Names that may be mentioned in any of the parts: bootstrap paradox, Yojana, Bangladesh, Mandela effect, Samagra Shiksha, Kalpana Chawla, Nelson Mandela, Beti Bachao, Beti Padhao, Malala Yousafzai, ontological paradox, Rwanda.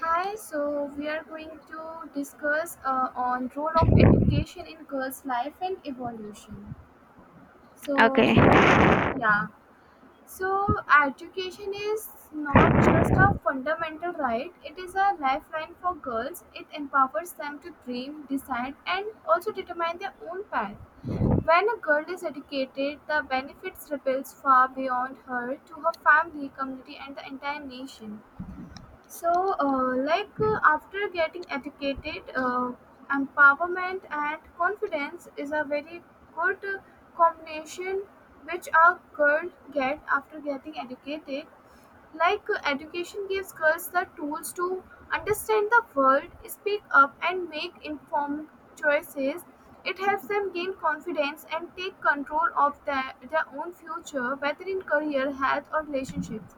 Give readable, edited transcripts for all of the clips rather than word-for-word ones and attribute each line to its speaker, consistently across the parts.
Speaker 1: Hi, so we are going to discuss on role of education in girls' life and evolution. So,
Speaker 2: Okay.
Speaker 1: yeah, so education is not just a fundamental right; it is a lifeline for girls. It empowers them to dream, decide, and also determine their own path. When a girl is educated, the benefits ripples far beyond her to her family, community, and the entire nation. So, like after getting educated, empowerment and confidence is a very good combination which a girl get after getting educated. Like education gives girls the tools to understand the world, speak up, and make informed choices. It helps them gain confidence and take control of their own future, whether in career, health, or relationships.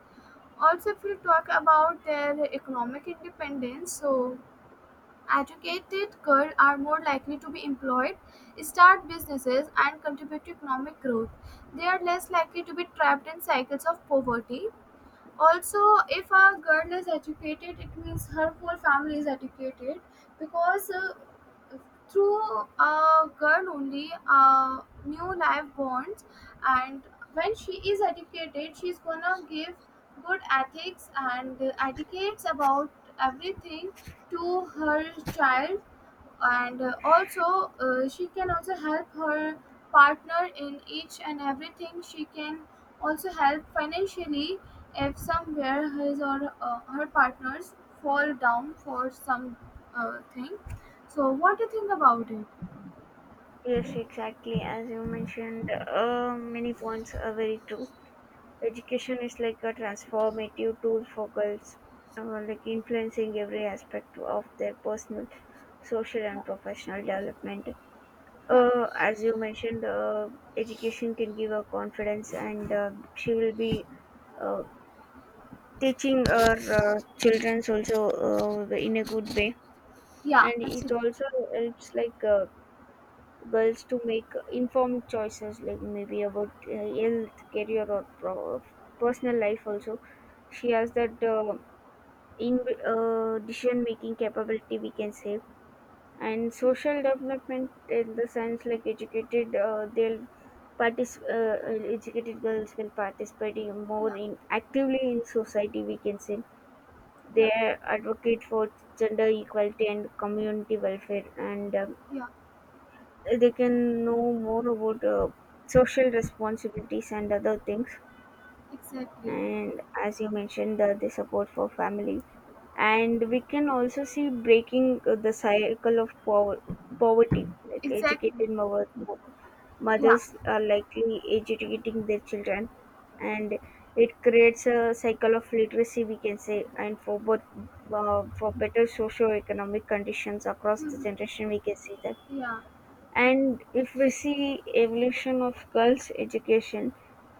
Speaker 1: Also, if we talk about their economic independence, so educated girls are more likely to be employed, start businesses, and contribute to economic growth. They are less likely to be trapped in cycles of poverty. Also, if a girl is educated, it means her whole family is educated, because through a girl only new life bonds. And when she is educated, she's gonna give good ethics and etiquettes about everything to her child. And also she can also help her partner in each and everything. She can also help financially if somewhere his or her partners fall down for some thing. So what do you think about it?
Speaker 2: Yes, exactly. As you mentioned, many points are very true. Education is like a transformative tool for girls, uh, like influencing every aspect of their personal, social,
Speaker 1: Yeah.
Speaker 2: and professional development.
Speaker 1: Yeah.
Speaker 2: As you mentioned, education can give her confidence, and she will be uh, teaching her children also in a good way,
Speaker 1: Yeah,
Speaker 2: and it
Speaker 1: actually.
Speaker 2: also helps girls to make informed choices like maybe about health career or personal life also she has that in decision making capability we can say. And social development in the sense like educated they'll partic- uh, educated girls will participate in more
Speaker 1: Yeah.
Speaker 2: in actively in society we can say.
Speaker 1: Yeah.
Speaker 2: They advocate for gender equality and community welfare, and um,
Speaker 1: Yeah.
Speaker 2: uh, they can know more about social responsibilities and other things.
Speaker 1: Exactly.
Speaker 2: And as you mentioned, the support for family, and we can also see breaking the cycle of poverty, like
Speaker 1: Exactly.
Speaker 2: educated mothers
Speaker 1: Yeah.
Speaker 2: mothers are likely educating their children, and it creates a cycle of literacy we can say, and for both, for better socio-economic conditions across the
Speaker 1: Mhm.
Speaker 2: generation we can see that.
Speaker 1: Yeah.
Speaker 2: And if we see evolution of girls' education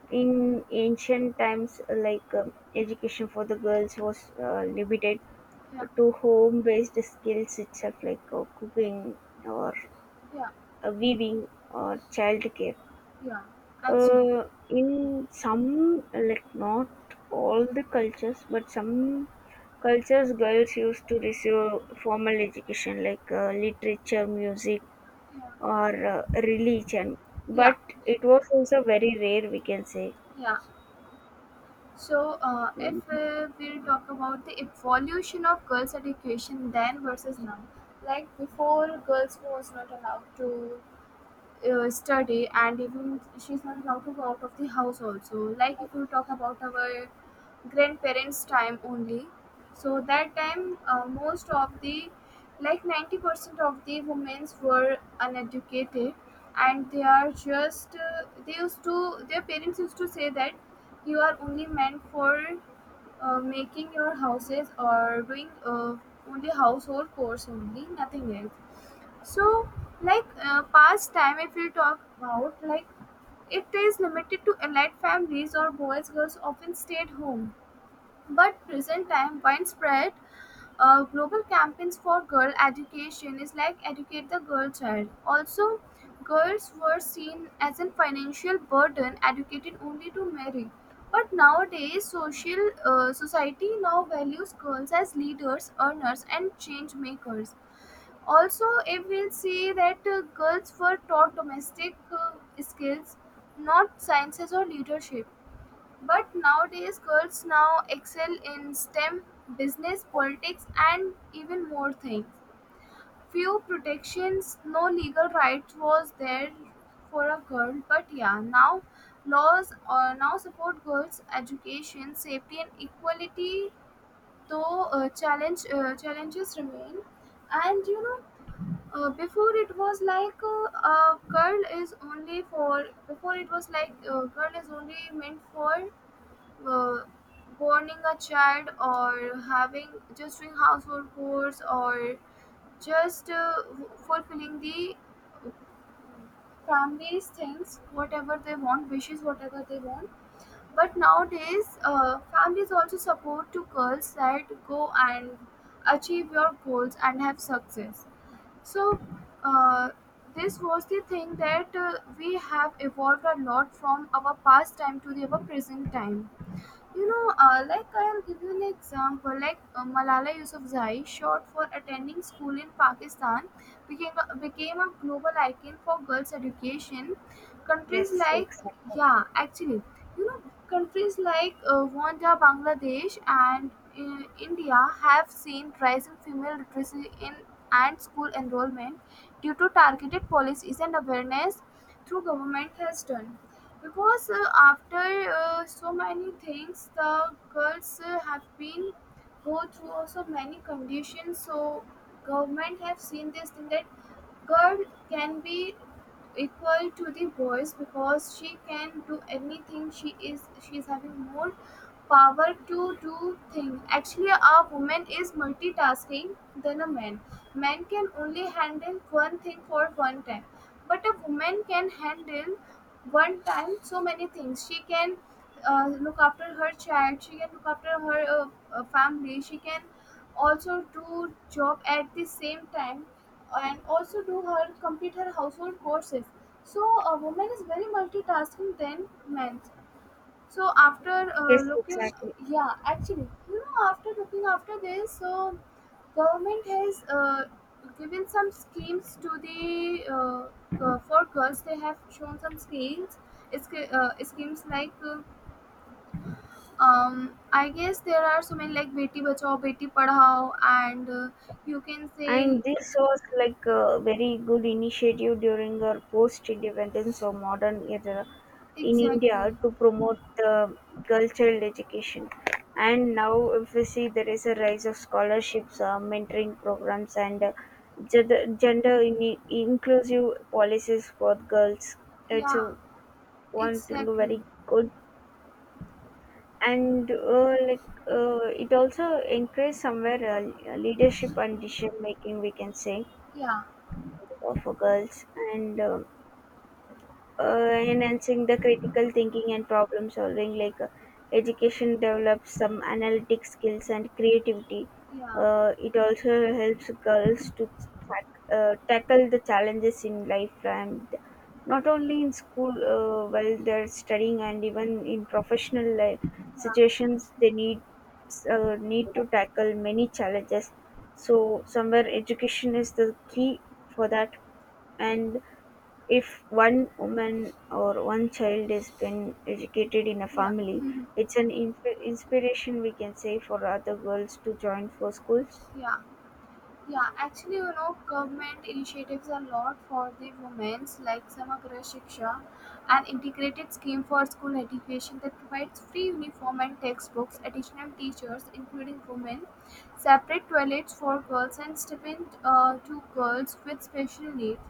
Speaker 2: in ancient times, education for the girls was limited
Speaker 1: Yeah.
Speaker 2: to home-based skills itself, like cooking or
Speaker 1: Yeah.
Speaker 2: weaving or childcare.
Speaker 1: Yeah, actually.
Speaker 2: In some, like not all the cultures, but some cultures, girls used to receive formal education like literature, music,
Speaker 1: Yeah.
Speaker 2: or religion,
Speaker 1: Yeah.
Speaker 2: but it was also very rare, we can say.
Speaker 1: Yeah. So, if
Speaker 2: Mm,
Speaker 1: we talk about the evolution of girls' education then versus now, like before, girls was not allowed to study, and even she's not allowed to go out of the house also. Like if you talk about our grandparents' time only, so that time most of the, like 90% of the women were uneducated, and they are just they used to their parents used to say that you are only meant for making your houses or doing only household chores, only, nothing else. So, like, past time if you talk about, like, it is limited to elite families or boys, girls often stayed home. But present time, widespread global campaigns for girl education is like Educate the Girl Child. Also, girls were seen as a financial burden, educated only to marry. But nowadays, social society now values girls as leaders, earners, and change makers. Also, if we'll see that girls were taught domestic skills, not sciences or leadership. But nowadays, girls now excel in STEM, business, politics, and even more things. Few protections, no legal right was there for a girl, but yeah, now laws now support girls' education, safety, and equality. Though challenges remain. And before it was like, a girl is only for, before it was like, girl is only meant for uh, warning a child or having, just doing household chores or just fulfilling the family's things, whatever they want, wishes whatever they want. But nowadays, families also support to girls that go and achieve your goals and have success. So, uh, this was the thing that we have evolved a lot from our past time to the our present time. Like, I'll give you an example. Like, Malala Yousafzai, short for attending school in Pakistan, became a global icon for girls' education. Countries
Speaker 2: Yes,
Speaker 1: like,
Speaker 2: exactly.
Speaker 1: yeah, actually. you know, countries like Rwanda, Bangladesh, and India have seen rise in female literacy in and school enrollment due to targeted policies and awareness through government has done. Because after so many things, the girls have been go through also many conditions. So government have seen this thing that girl can be equal to the boys, because she can do anything. She is having more power to do things. Actually, a woman is multitasking than a man. Man can only handle one thing for one time, but a woman can handle one time so many things. She can look after her child, she can look after her family, she can also do job at the same time, and also do her complete her household courses. So a woman is very multitasking than men. So after
Speaker 2: Yes,
Speaker 1: looking,
Speaker 2: exactly.
Speaker 1: yeah, actually. After looking after this, so government has given some schemes to the for girls. They have shown some schemes. It's schemes like I guess there are so many, like Beti Bachao, Beti Padhao, and you can say.
Speaker 2: And this was like a very good initiative during our post independence or modern era in
Speaker 1: Exactly.
Speaker 2: India to promote the cultural education. And now, if we see, there is a rise of scholarships, mentoring programs, and uh, gender inclusive policies for girls. It's
Speaker 1: Yeah.
Speaker 2: a one thing
Speaker 1: Exactly.
Speaker 2: very good. And it also encourages somewhere leadership and decision making we can say
Speaker 1: Yeah.
Speaker 2: for girls, and um
Speaker 1: Yeah.
Speaker 2: uh, enhancing the critical thinking and problem solving, education develops some analytic skills and creativity.
Speaker 1: Yeah.
Speaker 2: It also helps girls to tackle the challenges in life, and not only in school while they're studying, and even in professional life
Speaker 1: Yeah.
Speaker 2: situations they need need to tackle many challenges. So somewhere education is the key for that. And if one woman or one child is then educated in a
Speaker 1: Yeah.
Speaker 2: family,
Speaker 1: Mhm.
Speaker 2: it's an inspiration we can say for other girls to join for schools.
Speaker 1: Yeah. Yeah, actually. Government initiatives a lot for the women's, like Samagra Shiksha, an integrated scheme for school education that provides free uniform and textbooks, additional teachers, including women, separate toilets for girls, and stipend to girls with special needs.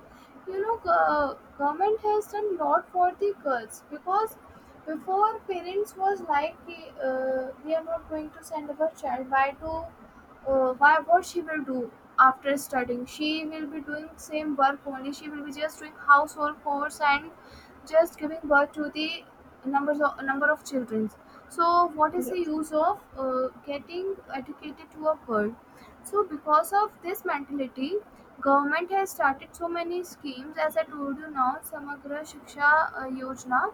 Speaker 1: Government has done lot for the girls, because before parents was like, we are not going to send our child. Why, what she will do after studying? She will be doing same work only. She will be just doing household chores and just giving birth to the number of children. So what is the
Speaker 2: Yes,
Speaker 1: use of getting educated to a girl? So because of this mentality, government has started so many schemes, as I told you now, Samagra Shiksha Yojana.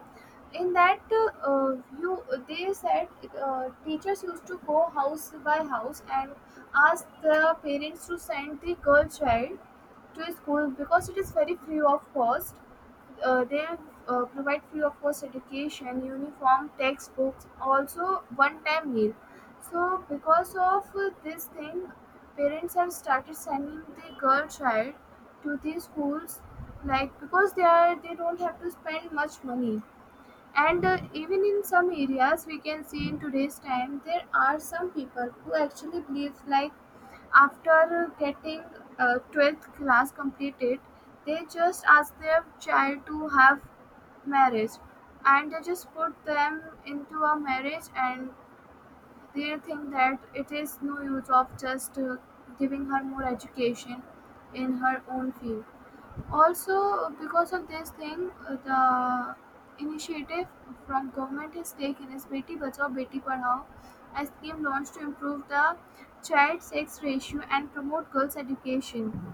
Speaker 1: In that you they said teachers used to go house by house and ask the parents to send the girl child to school, because it is very free of cost. They provide free of cost education, uniform, textbooks, also one time meal. So because of this thing, parents have started sending the girl child to the schools, like because they don't have to spend much money. And even in some areas we can see in today's time there are some people who actually believe like, after getting 12th class completed, they just ask their child to have marriage, and they just put them into a marriage, and they think that it is no use of just giving her more education in her own field. Also, because of this thing, the initiative from government is taken is Beti Bachao Beti Padhao, a scheme launched to improve the child sex ratio and promote girls' education.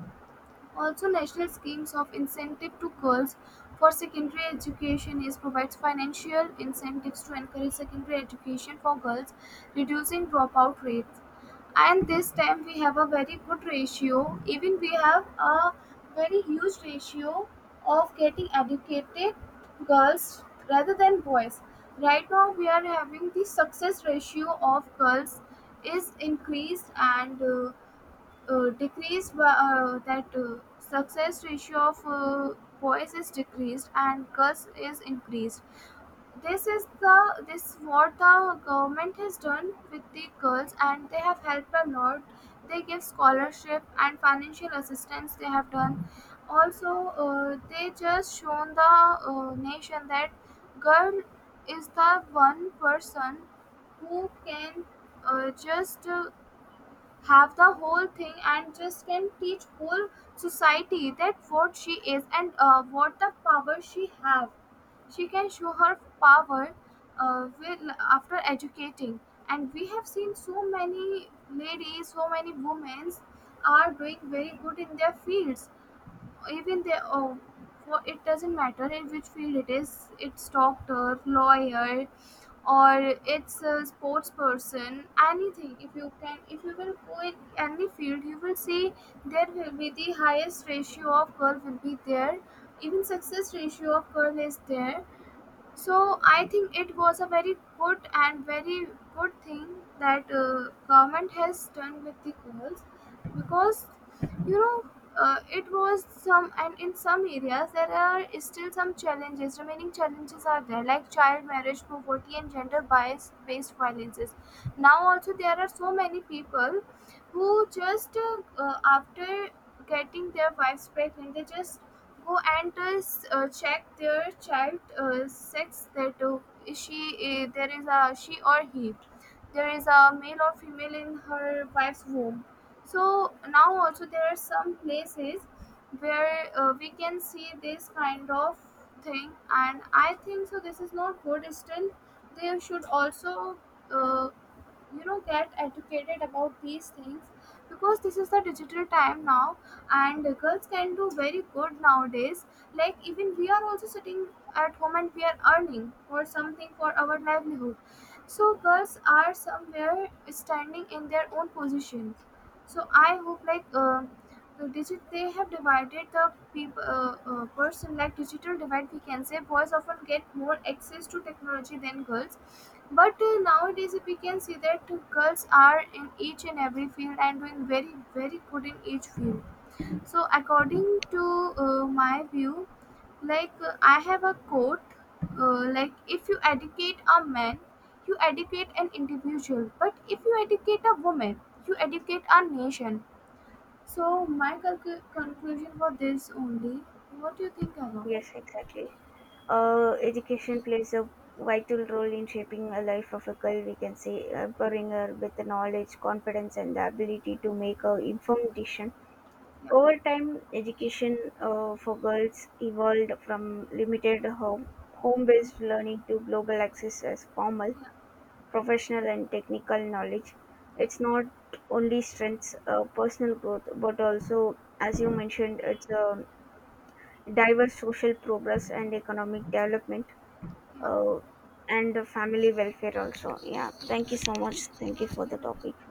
Speaker 1: Also, national schemes of incentive to girls for secondary education is provides financial incentives to encourage secondary education for girls, reducing dropout rate. And this time we have a very good ratio, even we have a very huge ratio of getting educated girls rather than boys. Right now we are having the success ratio of girls is increased, and decreased by that, success ratio of boys is decreased and girls is increased. This what the government has done with the girls, and they have helped a lot. They give scholarship and financial assistance. They have done. Also, they just shown the nation that girl is the one person who can just have the whole thing and just can teach whole society that what she is and what the power she have. She can show her power will after educating. And we have seen so many ladies, so many women are doing very good in their fields. Even they, oh, for it doesn't matter in which field it is. It's doctor, lawyer, or it's a sports person. Anything. If you will go in any field, you will see there will be the highest ratio of girl will be there, even success ratio of girl is there. So I think it was a very good and very good thing that government has done with the girls. Because you know it was some and in some areas there are still some challenges remaining challenges are there, like child marriage, poverty, and gender bias based violences. Now also there are so many people who just after getting their wives pregnant they just go and check their child sex, that is she there is a she or he there is a male or female in her wife's womb. So now also there are some places where we can see this kind of thing, and I think so this is not good. Still they should also uh, get educated about these things, because this is the digital time now, and girls can do very good nowadays, like even we are also sitting at home and we are earning for something for our livelihood. So girls are somewhere standing in their own position. So I hope, like, they have divided the person, like digital divide, we can say, boys often get more access to technology than girls, but nowadays if we can see that girls are in each and every field and doing very very good in each field. So, according to my view, like, I have a quote, like, if you educate a man, you educate an individual, but if you educate a woman, you educate a nation. So, my conclusion for this only. What do you think about?
Speaker 2: yes, exactly. Education plays a vital role in shaping a life of a girl. We can say empowering her with the knowledge, confidence, and the ability to make a informed decision.
Speaker 1: Yeah,
Speaker 2: Over time, education for girls evolved from limited home-based learning to global access as formal
Speaker 1: yeah, yeah,
Speaker 2: professional and technical knowledge.
Speaker 1: yeah,
Speaker 2: It's not only strengths, personal growth, but also, as you mentioned, it's a diverse social progress and economic development,
Speaker 1: yeah,
Speaker 2: uh, and the family welfare also. Yeah, thank you so
Speaker 1: exactly.
Speaker 2: much. Thank you
Speaker 1: Thank
Speaker 2: for the topic.
Speaker 1: you.